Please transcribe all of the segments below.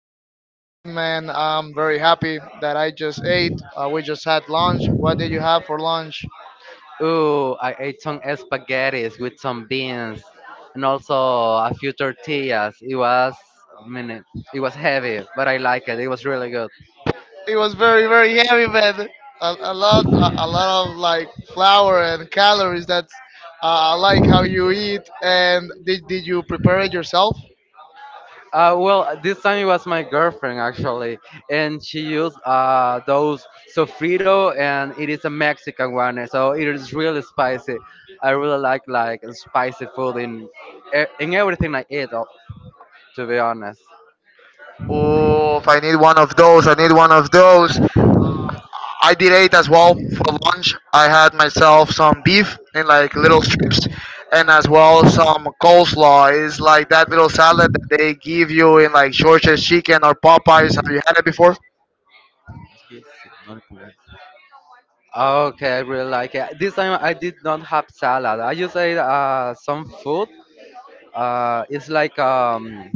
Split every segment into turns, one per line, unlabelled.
doing just fine, man. I'm very happy that I just ate. We just had lunch. What did you have for lunch?
Ooh, I ate some spaghetti with some beans and also a few tortillas. I mean, it, it was heavy, but I like it. It was really good.
It was very, very heavy, man. A lot of like flour and calories. That's I like how you eat. And did you prepare it yourself?
This time it was my girlfriend actually, and she used those sofrito, and it is a Mexican one, so it is really spicy. I really like spicy food in in everything I eat, to be honest.
Oh, if I need one of those, I need one of those. I did it as well for lunch. I had myself some beef in like little strips, and as well some coleslaw. It's like that little salad that they give you in like George's Chicken or Popeyes. Have you had it before?
Okay, I really like it. This time I did not have salad. I just ate some food. It's like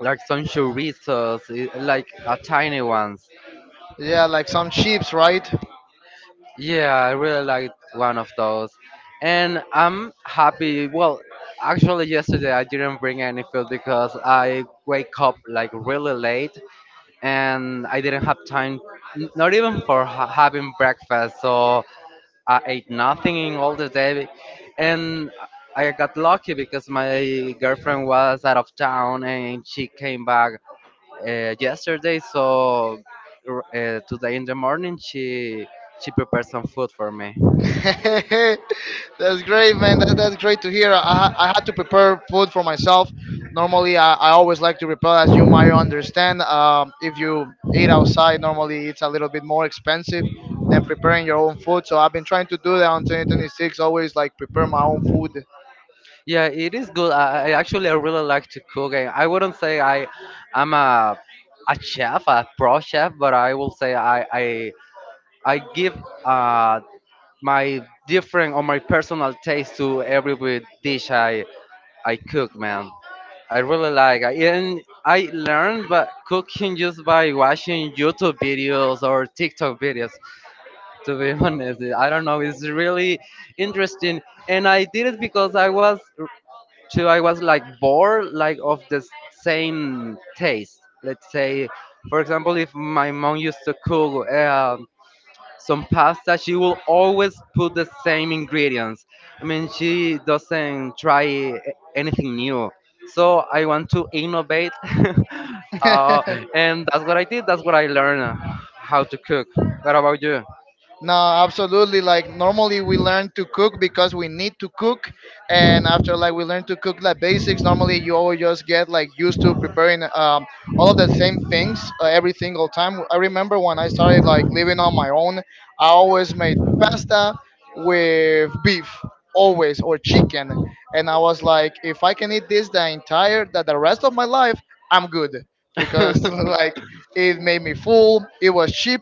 some chorizos, tiny ones.
Yeah, like some chips, right?
Yeah, I really liked one of those, and I'm happy. Yesterday I didn't bring any food because I wake up like really late, and I didn't have time, not even for having breakfast. So I ate nothing in all the day, and I got lucky because my girlfriend was out of town and she came back yesterday. So today in the morning, she prepared some food for me.
That's great, man. That's great to hear. I had to prepare food for myself. Normally, I always like to prepare, as you might understand. If you eat outside, normally it's a little bit more expensive than preparing your own food. So I've been trying to do that on 2026, always like prepare my own food.
Yeah, it is good. I actually I really like to cook. I wouldn't say I'm a chef, a pro chef, but I will say I give my different or my personal taste to every dish I cook, man. I really like I and I learned but cooking just by watching YouTube videos or TikTok videos. To be honest, I don't know. It's really interesting, and I did it because I was too. I was like bored, like of the same taste. Let's say, for example, if my mom used to cook some pasta, she will always put the same ingredients. I mean, she doesn't try anything new, so I want to innovate. uh, and that's what I did, that's what I learned how to cook. What about you?
No, absolutely. Like normally we learn to cook because we need to cook, and after like we learn to cook like basics, normally you always just get like used to preparing all of the same things every single time. I remember when I started like living on my own, I always made pasta with beef always or chicken. And I was like, if I can eat this the entire that the rest of my life, I'm good because like it made me full. It was cheap,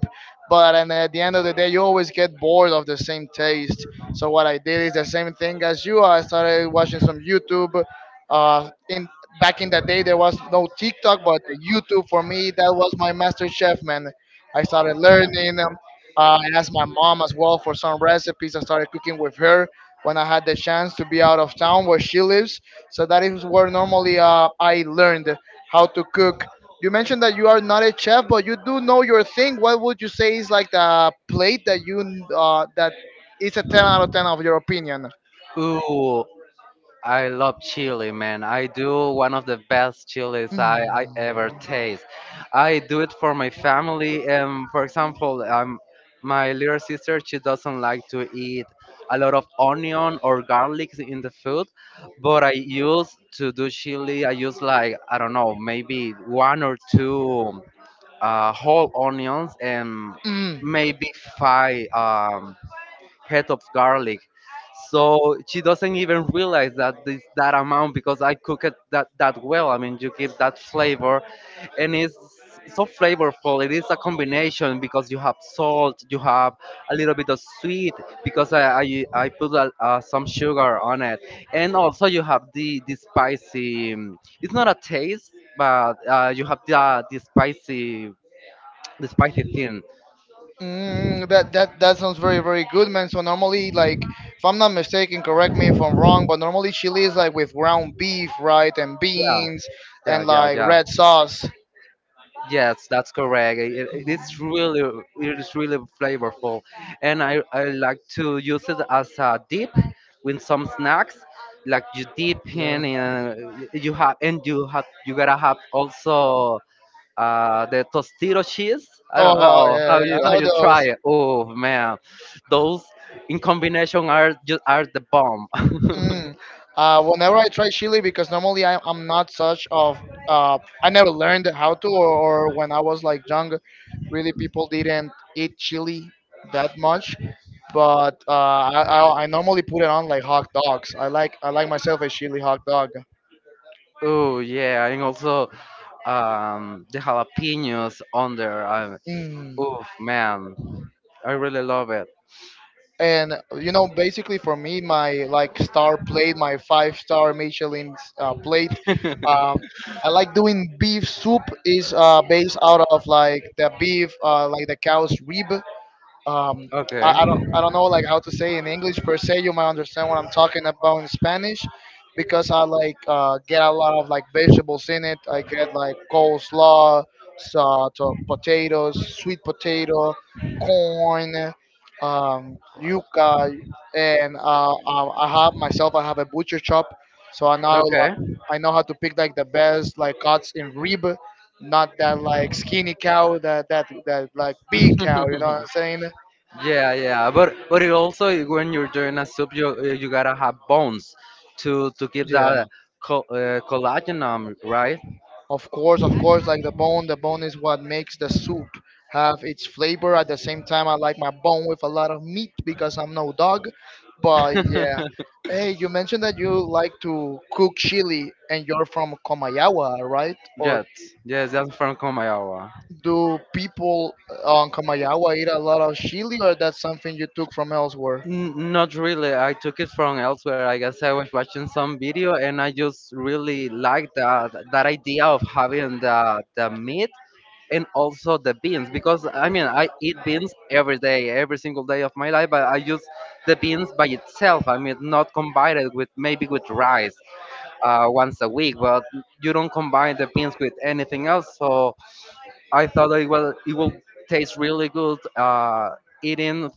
but and at the end of the day, you always get bored of the same taste. So what I did is the same thing as you. I started watching some YouTube. In Back in the day, there was no TikTok, but the YouTube for me that was my master chef, man. I started learning. I asked my mom as well for some recipes. I started cooking with her when I had the chance to be out of town where she lives. So that is where normally I learned how to cook. You mentioned that you are not a chef, but you do know your thing. What would you say is like the plate that you that is a 10 out of 10 of your opinion?
Ooh, I love chili, man. I do one of the best chilies I ever
Mm.
taste. I do it for my family. For example, my little sister, she doesn't like to eat a lot of onion or garlic in the food. But I use to do chili, I use like, I don't know, maybe one or two whole onions, and
Mm.
maybe five head of garlic. So she doesn't even realize that amount because I cook it that well. I mean, you give that flavor, and it's so flavorful. It is a combination because you have salt, you have a little bit of sweet because I put some sugar on it, and also you have the spicy. It's not a taste, but you have the the spicy thing.
Mm, that that that sounds very very good, man. So normally, like, if I'm not mistaken, correct me if I'm wrong, but normally chili is like with ground beef, right, and
Yeah,
beans,
yeah,
and
yeah,
like
yeah.
red sauce.
Yes, that's correct. It's really, it is really flavorful, and I like to use it as a dip with some snacks. Like you dip
Yeah.
in, you have, you gotta have also the tostito cheese. I don't
Oh
know
yeah, yeah yeah, I
how
know
you try
those.
it. Oh, man, those in combination are just are the bomb.
Mm. Whenever I try chili, because normally I'm not such of uh, I never learned how to, or when I was like young, really people didn't eat chili that much. But I normally put it on like hot dogs. I like myself a chili hot dog.
Oh, yeah, and also the jalapenos on there.
Mm.
Oh, man, I really love it.
And you know, basically for me, my like star plate, my five-star Michelin plate. Um, I like doing beef soup is based out of like the beef, like the cow's rib. um,
Okay.
I don't know like how to say in English per se. You might understand what I'm talking about in Spanish because I like get a lot of like vegetables in it. I get like
Wow.
coleslaw, so, to potatoes, sweet potato, corn, yuca, and I have myself. I have a butcher shop, so I know
Okay.
like, I know how to pick like the best like cuts in rib. Not that like skinny cow, that that that like big cow. You know what I'm saying?
Yeah, yeah. But it also when you're doing a soup, you you gotta have bones to keep
Yeah,
that collagen, right?
of course, of course. Like the bone is what makes the soup have its flavor. At the same time, I like my bone with a lot of meat because I'm no dog. But yeah, hey, you mentioned that you like to cook chili, and you're from Comayawa, right? Or
Yes, yes, that's from Komayawa.
do people on Comayawa eat a lot of chili, or that's something you took from elsewhere?
Not really. I took it from elsewhere. I guess I was watching some video and I just really liked that idea of having the meat and also the beans because I mean I eat beans every day, every single day of my life, but I use the beans by itself. I mean not combined it with maybe with rice once a week, but you don't combine the beans with anything else. So I thought that it will taste really good eating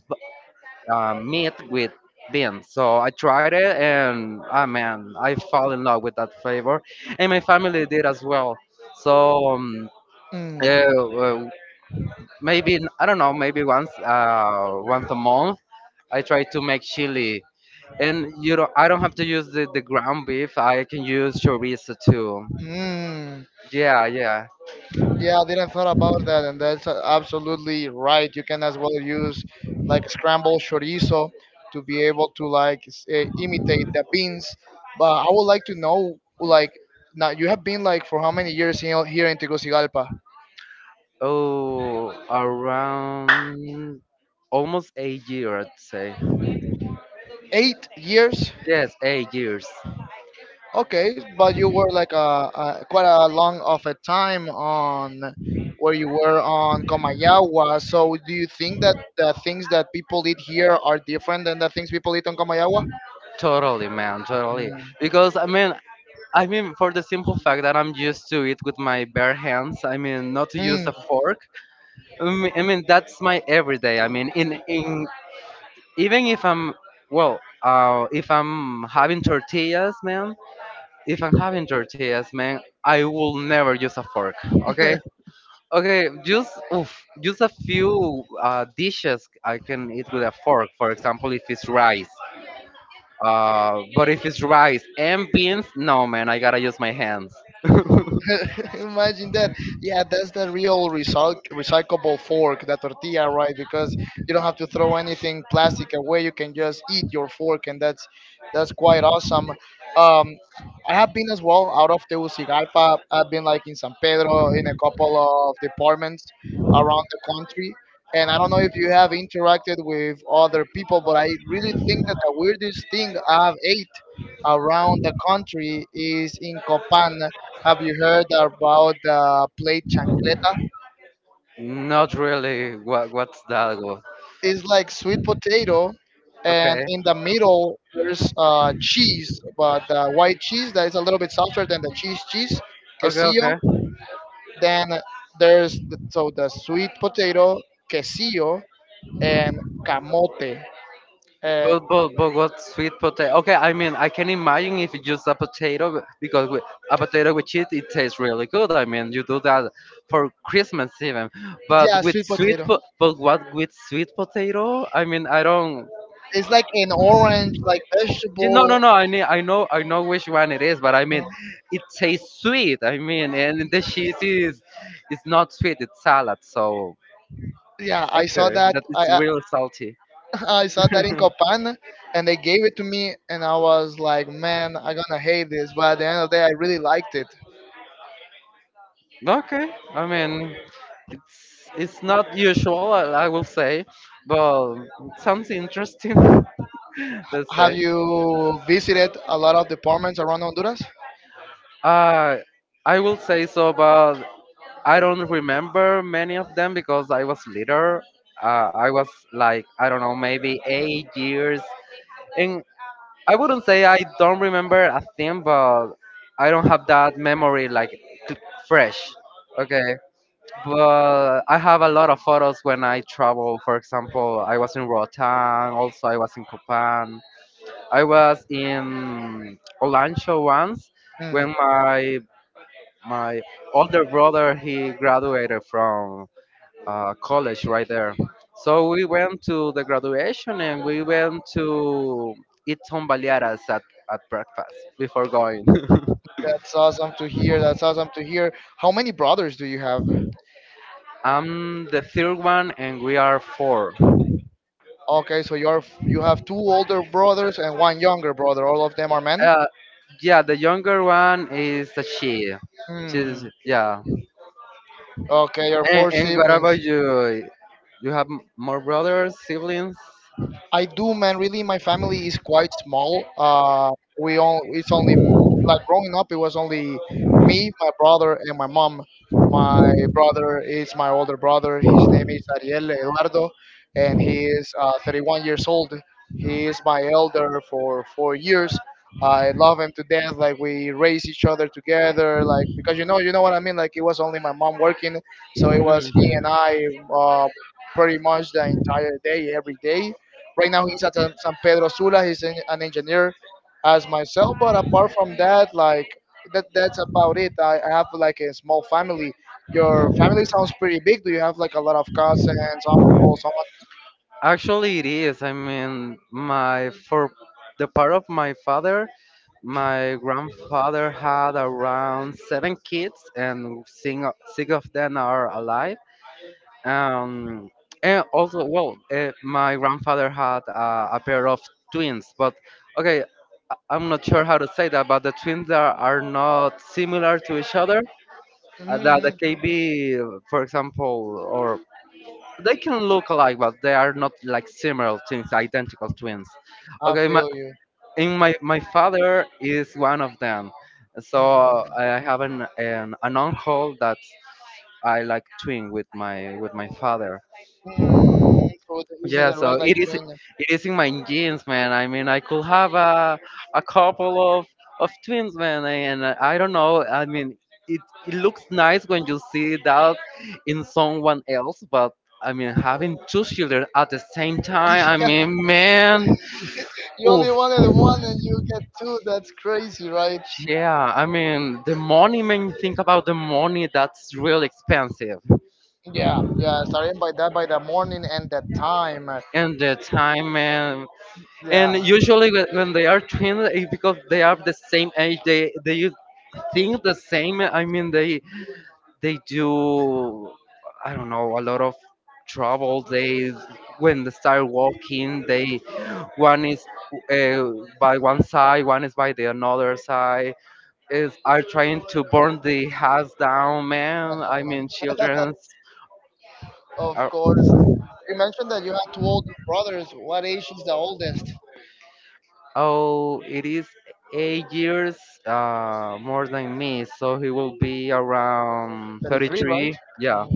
meat with beans. So I tried it, and ah man, I fell in love with that flavor, and my family did as well. So
Mm.
uh, uh, maybe I don't know, maybe once a month I try to make chili, and you know I don't have to use the ground beef. I can use chorizo too.
Mm.
Yeah, yeah.
Yeah, I didn't thought about that, and absolutely right. You can as well use like scrambled chorizo to be able to imitate the beans. But I would like to know, like, now you have been like for how many years here here in Tegucigalpa?
Oh, around almost 8 years, I'd say.
8 years.
Yes, 8 years.
Okay, but you were like a quite a long of a time on where you were on Comayagua. So do you think that the things that people eat here are different than the things people eat on Comayagua?
Totally, man, totally.
Mm.
Because I mean, I mean, for the simple fact that I'm used to it with my bare hands. I mean, not to use a
Mm.
fork. I mean that's my everyday. I mean, in even if I'm well, if I'm having tortillas, man. If I'm having tortillas, man, I will never use a fork. Okay. Okay, just oof, just a few dishes I can eat with a fork. For example, if it's rice. But if it's rice and beans, no man, I gotta use my hands.
Imagine that. Yeah, that's the real recyclable fork, that tortilla, right? Because you don't have to throw anything plastic away. You can just eat your fork, and that's quite awesome. Um, I have been as well out of Tegucigalpa. I've been like in San Pedro, in a couple of departments around the country. And I don't know if you have interacted with other people, but I really think that the weirdest thing I've ate around the country is in Copan. Have you heard about the plate chancleta?
Not really. What what's that?
It's like sweet potato, and
Okay.
in the middle there's cheese, but white cheese that is a little bit softer than the cheese,
Okay. Okay.
quesillo. Then there's the, so the sweet potato, quesillo, and camote. Uh,
But what sweet potato? Okay, I mean I can imagine if it's just a potato because with, a potato with cheese it tastes really good. I mean you do that for Christmas even. But
yeah,
with
sweet potato.
but what with sweet potato? I mean I don't.
It's like an orange, like
You- No, no,
vegetable.
no. I mean I know which one it is, but I mean
uh,
it tastes sweet. I mean and the cheese is it's not sweet. It's salad. So
Yeah, I saw
okay,
that.
that it's real salty.
I saw that in Copan, and they gave it to me, and I was like, man, I'm gonna hate this. But at the end of the day, I really liked it.
Okay, I mean, it's not usual, I will say, but it sounds interesting. Let's say.
Have you visited a lot of departments around Honduras?
Uh, I will say so, but I don't remember many of them because I was little. I was like, I don't know, maybe 8 years. And I wouldn't say I don't remember a thing, but I don't have that memory like cl- fresh. Okay. But I have a lot of photos when I travel. For example, I was in Rotan, also I was in Copan. I was in Olancho once
Mm,
when my older brother he graduated from college right there. So we went to the graduation and we went to eat tombaleadas at breakfast before going.
that's awesome to hear. That's awesome to hear. How many brothers do you have?
I'm the third one and we are four.
Okay, so you have two older brothers and one younger brother. All of them are men.
Uh, yeah, the younger one is a she. She's
Hmm.
yeah.
Okay, you're four
And what
siblings.
about you? You have more brothers, siblings?
I do, man. Really, my family is quite small. We all It's only like growing up, it was only me, my brother, and my mom. My brother is my older brother. His name is Ariel Eduardo, and he is 31 years old. He is my elder for 4 years. I love him to death. Like we raise each other together. Like because you know what I mean. Like it was only my mom working, so it was he and I uh, pretty much the entire day, every day. Right now, he's at
Mhm.
San Pedro Sula. He's an engineer as myself. But apart from that, like that's about it. I have like a small family. Your family sounds pretty big. Do you have like a lot of cousins, uncles, aunts?
Actually, it is. I mean, my for the part of my father, my grandfather had around 7 kids, and six of them are alive. Um, and also, well, my grandfather had a pair of twins, but okay, I'm not sure how to say that, but are not similar to each other. That
Hmm.
they can be, for example, or they can look alike, but they are not like similar twins, identical twins.
I
Okay, my,
feel you.
in my my father is one of them, so
Mm-hmm.
I have an uncle that's I like twin with my father.
So the- it's a
Yeah,
direct
so
like twin.
it is in my genes, man. I mean, I could have a couple of twins, man, and I don't know. I mean, it it looks nice when you see that in someone else, but I mean, having two children at the same time, I
Yeah,
mean, man,
you only
oof,
wanted one and you get two. That's crazy, right?
yeah. I mean, the money, man. You Think about the money. That's real expensive,
Yeah, yeah. Starting by that, by the morning and the time.
and the time, man. And
Yeah,
usually when they are twins, eh, because they are the same age, they think the same. I mean, they do. I don't know, a lot of trouble. They when they start walking, they one is uh, by one side, one is by the another side. Is are trying to burn the house down, man. I mean, children
of
are.
course. You mentioned that you have two older brothers. What age is the oldest?
Oh, it is 8 years more than me, so he will be around
33, right?
33. Yeah.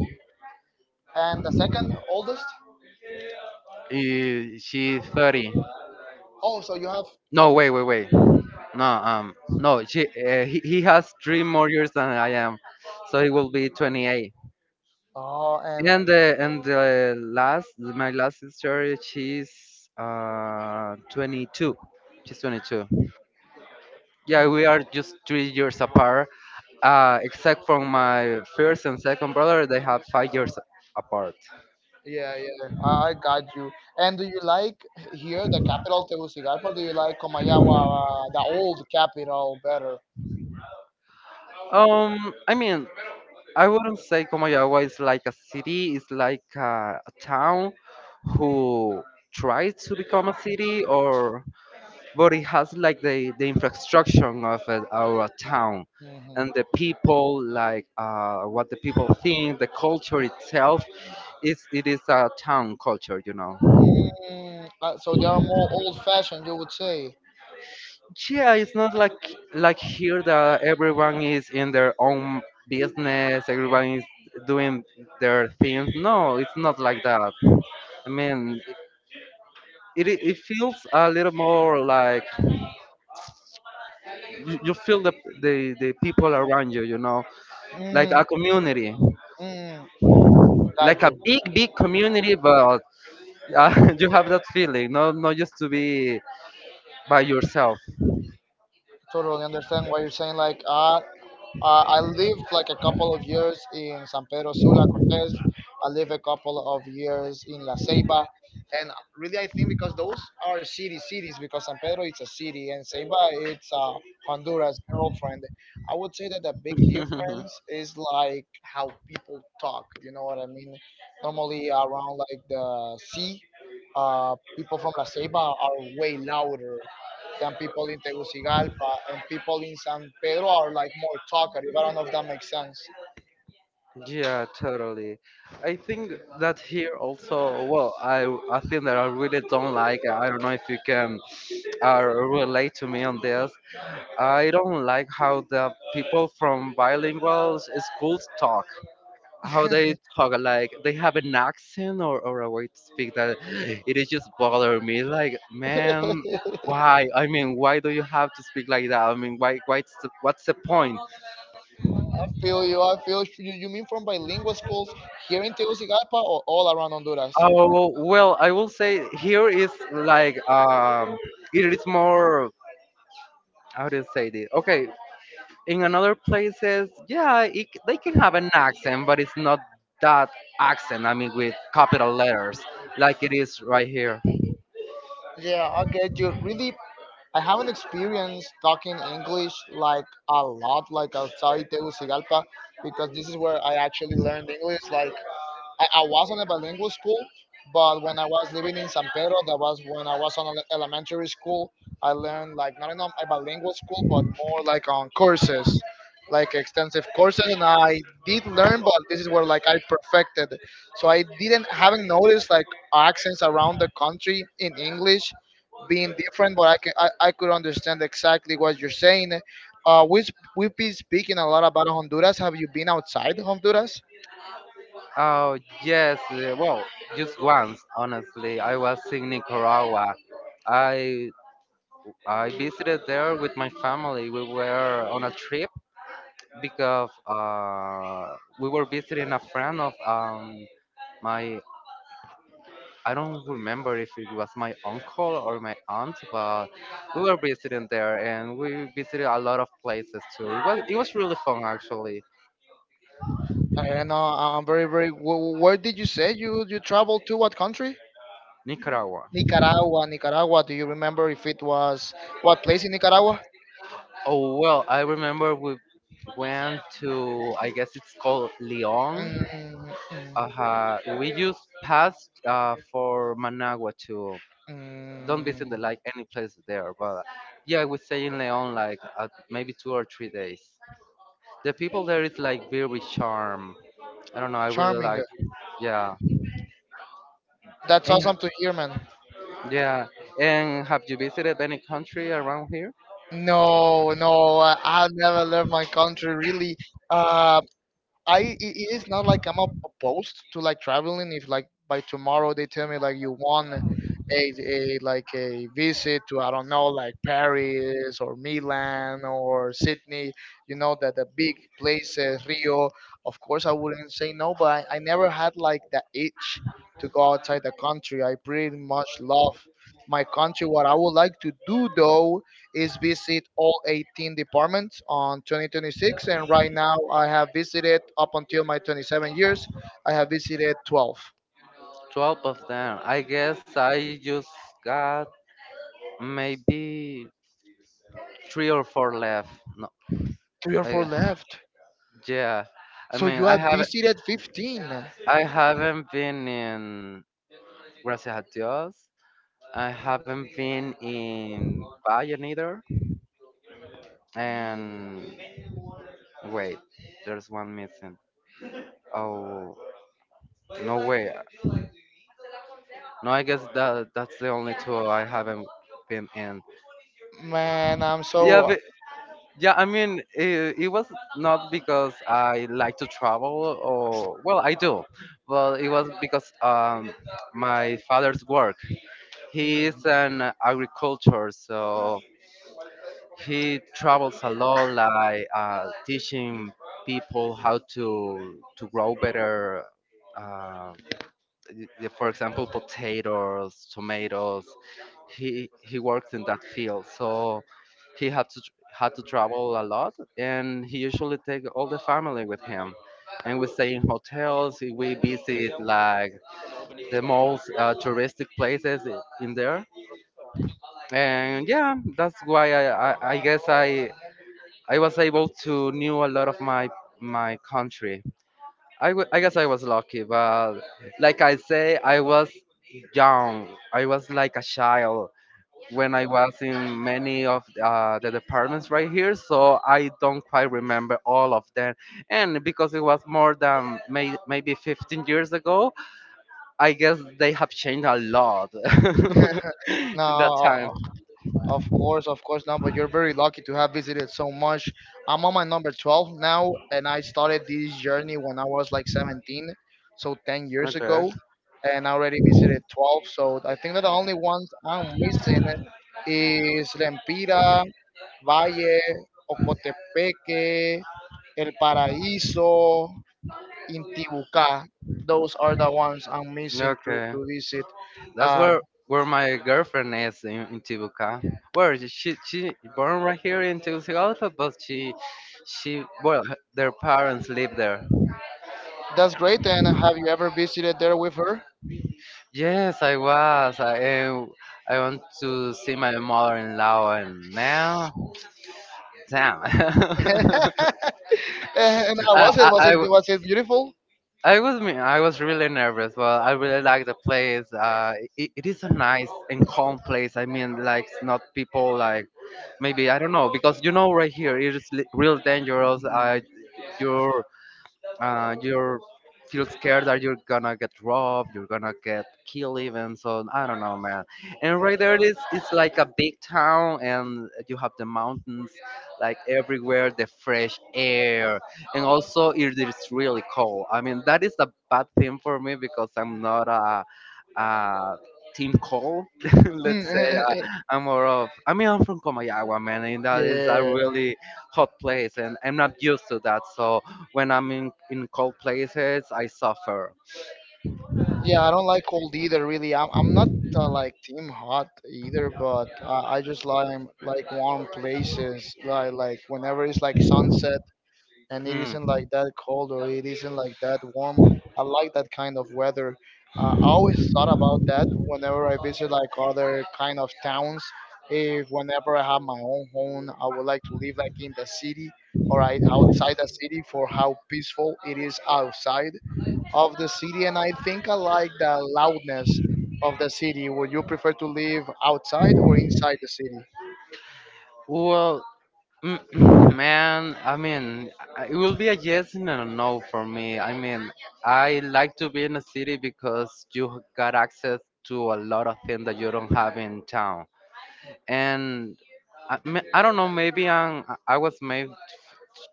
And the second oldest?
Eh, she's 30.
Oh, so you have.
No, wait, wait, wait. No. He has three more years than I am, so he will be 28.
Oh, and
And the last, my last sister, she's 22. She's 22. Yeah, we are just 3 years apart. Except from my first and second brother, they have 5 years apart.
yeah, yeah, I got you. And do you like here the capital Tegucigalpa? Or do you like Comayagua, the old capital, better?
Um, I mean, I wouldn't say Comayagua is like a city, it's like a town who tried to become a city, or but it has like the infrastructure of a, our town.
Hmm.
And the people like what the people think, the culture itself is a town culture.
Mm, so they are more old-fashioned, you would say.
Yeah, it's not like here that everyone is in their own business, everyone is doing their things. No, it's not like that. I mean, it feels a little more like you feel the people around you you know like
Mm-hmm.
a community,
Mm, got
like a
you.
big community. But you have that feeling. Not just to be by yourself.
Totally understand what you're saying. I lived like a couple of years in San Pedro Sula, Cortez. I lived a couple of years in La Ceiba. And really, I think because those are city cities, because San Pedro it's a city and Ceiba it's Honduras girlfriend. I would say that the big difference is like how people talk. You know what I mean? Normally around like the sea, people from La Ceiba are way louder than people in Tegucigalpa, and people in San Pedro are like more talkative. I don't know if that makes sense.
Yeah, totally. I think that here also, well, I think that I really don't like. I don't know if you can relate to me on this. I don't like how the people from bilingual s- schools talk. How they talk, like they have an accent, or a way to speak that it is just bother me. Like, man, why? I mean, why do you have to speak like that? I mean, why? Why? What's the point?
I feel you. I feel you. You mean from bilingual schools here in Tegucigalpa or all around Honduras?
Oh well, I will say here is like it is more. How do you say this? Okay, in another places, yeah, it, they can have an accent, but it's not that accent. I mean, with capital letters, like it is right here.
Yeah, I get you. Really, I haven't experienced talking English like a lot, like outside Tegucigalpa, because this is where I actually learned English. Like I was in a bilingual school, but when I was living in San Pedro, that was when I was on elementary school. I learned like not in a bilingual school, but more like on courses, like extensive courses, and I did learn, but this is where like I perfected. So I didn't haven't noticed like accents around the country in English being different, but I can I could understand exactly what you're saying. Uh, we we've been speaking a lot about Honduras. Have you been outside Honduras?
Oh yes, well, just once, honestly, I was in Nicaragua. I I visited there with my family. We were on a trip because we were visiting a friend of my— I don't remember if it was my uncle or my aunt, but we were visiting there and we visited a lot of places too. It was really fun, actually.
I don't know. I'm very, very. Where did you say you traveled to? What country?
Nicaragua.
Nicaragua, Nicaragua. Do you remember if it was what place in Nicaragua?
Oh well, I remember we went to, I guess it's called Leon.
Mm, mm,
We just passed for Managua too. Don't visit the,
mm.
like any place there, but yeah, I would stay in Leon like maybe 2 or 3 days. The people there is like very charm. I don't know. I really
Charming.
like. Yeah.
That's
And ha-
awesome to hear, man.
yeah. And have you visited any country around here?
No, no, I never left my country really. Uh, I it it is not like I'm opposed to like traveling. If like by tomorrow they tell me like you want a like a visit to I don't know like Paris or Milan or Sydney, you know, that the big places, Rio. Of course I wouldn't say no, but I never had like the itch to go outside the country. I pretty much love my country. What I would like to do though is visit all 18 departments on 2026, and right now I have visited up until my 27 years. I have visited 12.
12 of them. I guess I just got maybe three or four left. No,
Three or
I,
four left,
yeah. I
so you
mean,
have visited 15.
I haven't been in Gracias a Dios. I haven't been in Bayern either. And wait, there's one missing. Oh, no way. No, I guess that that's the only two I haven't been in.
Man, I'm so
Yeah, but yeah, I mean, it was not because I like to travel, or well, I do, but it was because my father's work. He is
mm.
an agriculture, so he travels a lot, like teaching people how to grow better. Uh, for example, potatoes, tomatoes. He works in that field, so he had to tr- had to travel a lot, and he usually take all the family with him. And we stay in hotels. We visit like the most touristic places in there. And yeah, that's why I guess I was able to knew a lot of my my country. I guess I was lucky, but like I say, I was young. I was like a child when I was in many of the departments right here, so I don't quite remember all of them. And because it was more than maybe 15 years ago, I guess they have changed a lot
no
in that time.
Of course, of course, no, but you're very lucky to have visited so much. I'm on my number 12 now, and I started this journey when I was like 17, so 10 years
Okay.
ago, and I already visited 12. So I think that the only ones I'm missing is Lempira, Valle, Ocotepeque, El Paraíso, Intibucá. Those are the ones I'm missing
Okay.
to visit.
That's
Uh,
where my girlfriend is in Tibuca. Where is she born right here in Tegucigalpa, but she well their parents live there.
that's great. And have you ever visited there with her?
Yes, I was. I want to see my mother-in-law and man, damn.
And how was it?
I, I w-
Was it beautiful?
I was me. I was really nervous, but I really like the place. It, it is a nice and calm place. I mean, like not people like maybe, I don't know, because you know right here it is real dangerous. You're you're feel scared that you're gonna get robbed, you're gonna get killed even. So I don't know, man. And right there it is, it's like a big town, and you have the mountains like everywhere, the fresh air, and also it is really cold. I mean that is a bad thing for me because I'm not a uh, team call.
Mm,
Let's say I'm more of. I mean, I'm from Comayagua, man, and that is a
yeah,
really hot place, and I'm not used to that. So when I'm in cold places, I suffer.
yeah. I don't like cold either. Really, I'm not like team hot either, but I just like warm places. Like whenever it's like sunset and it
Hmm.
isn't like that cold or it isn't like that warm. I like that kind of weather. I always thought about that whenever I visit like other kind of towns. If whenever I have my own home, I would like to live like in the city outside the city for how peaceful it is outside of the city. And I think I like the loudness of the city. Would you prefer to live outside or inside the city?
Well, man, I mean, I— it will be a yes and a no for me. I mean, I like to be in a city because you got access to a lot of things that you don't have in town. And I don't know, maybe I was made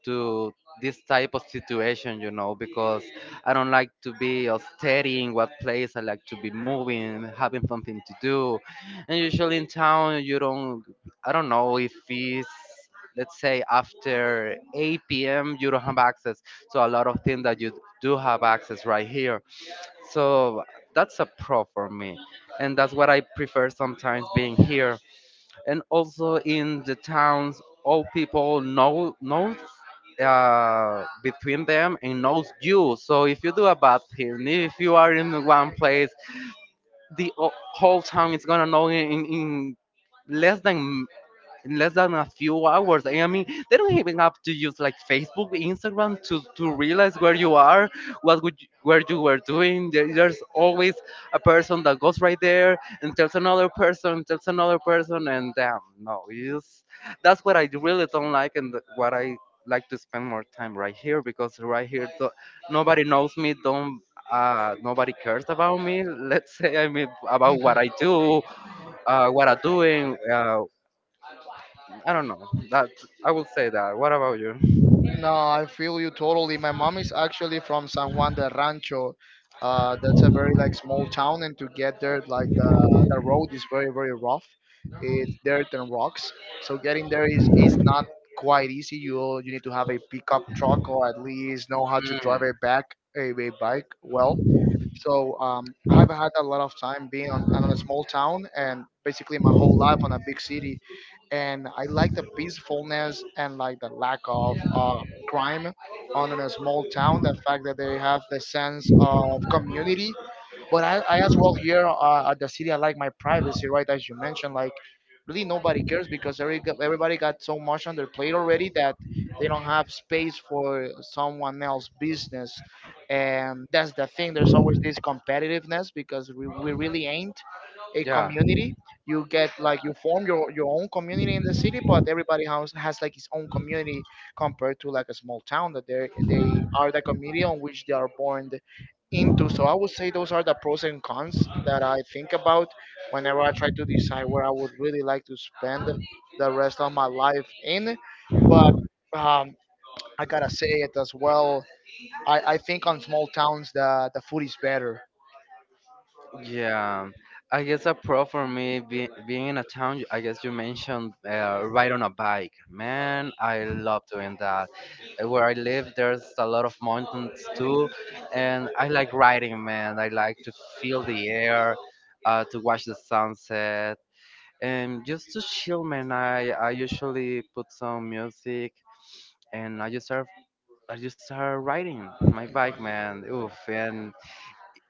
to this type of situation, you know, because I don't like to be steady in what place. I like to be moving, having something to do. And usually in town you don't. I don't know if it's, let's say, after 8 p.m. you don't have access. So a lot of things that you do have access right here, so that's a pro for me, and that's what I prefer sometimes, being here. And also, in the towns, all people knows between them and knows you. So if you do a bad thing, if you are in one place, the whole town is gonna know in less than in less than a few hours. I mean, they don't even have to use like Facebook, Instagram to realize where you are, what would you, where you were doing. There's always a person that goes right there and tells another person, and damn, no, it's, that's what I really don't like, and what I like to spend more time right here. Because right here do, nobody knows me, don't nobody cares about me. Let's say, I mean, about what I do, what I'm doing. I don't know. That I would say that. What about you?
No, I feel you totally. My mom is actually from San Juan de Rancho. That's a very like small town, and to get there, like the road is very, very rough. It's dirt and rocks, so getting there is not quite easy. You need to have a pickup truck or at least know how to drive a bike well. So I've had a lot of time being on a small town and basically my whole life on a big city, and I like the peacefulness and like the lack of crime on a small town. The fact that they have the sense of community, but I as well here at the city, I like my privacy, right? As you mentioned, like really nobody cares because everybody got so much on their plate already that they don't have space for someone else's business. And that's the thing. There's always
Mm.
this competitiveness because we really ain't a
Yeah.
community. You get like you form your own community in the city, but everybody has like his own community compared to like a small town that they are the community on which they are born into. So I would say those are the pros and cons that I think about whenever I try to decide where I would really like to spend the rest of my life in. But um, I gotta say it as well. I think on small towns the food is better.
Yeah, I guess a pro for me, be, being in a town. I guess you mentioned ride on a bike. Man, I love doing that. Where I live, there's a lot of mountains too, and I like riding. Man, I like to feel the air, to watch the sunset. And just to chill, man, I usually put some music and I just start riding my bike, man. Oof. And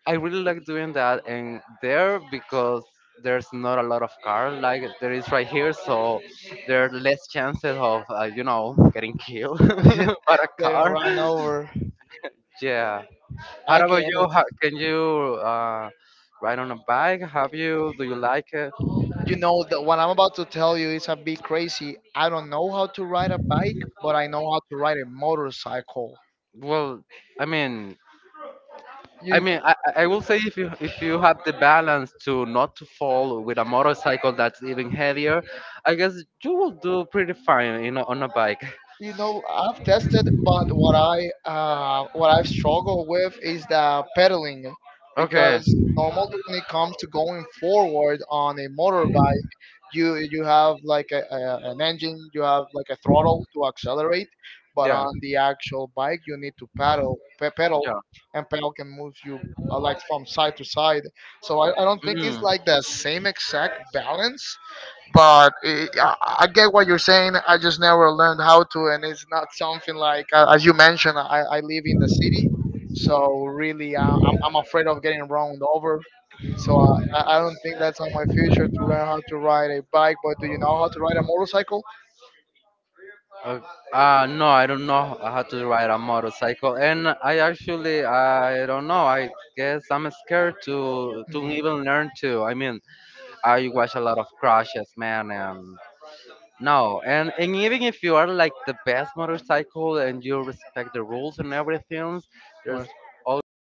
I really like doing that. And there, because there's not a lot of car like there is right here, so there are less chances of you know, getting killed by a
Getting
car.
run over.
Yeah. How
I
about
get
you?
it.
How, can you ride on a bike? Have you? Do you like it?
You know what I'm about to tell you is a bit crazy. I don't know how to ride a bike, but I know how to ride a motorcycle.
Well, I mean, I
You.
mean, I, I I will say, if you have the balance to not to fall with a motorcycle that's even heavier, I guess you will do pretty fine, you know, on a bike.
You know, I've tested, but what I've struggled with is the pedaling,
Okay.
because normally when it comes to going forward on a motorbike, you have like an engine, you have like a throttle to accelerate,
Yeah.
but
Yeah.
on the actual bike you need to pedal, and pedal can move you like from side to side. So I don't think it's
Mm.
like the same exact balance, but I get what you're saying. I just never learned how to, and it's not something like as you mentioned, I live in the city, so really I'm afraid of getting run over, so I don't think that's on my future to learn how to ride a bike. But do you know how to ride a motorcycle?
Uh, no, I don't know how to ride a motorcycle, and I actually I don't know. I guess I'm scared
Hmm.
to even learn to. I mean, I watch a lot of crashes, man, and no, and even if you are like the best motorcycle and you respect the rules and everything,
What?
there's always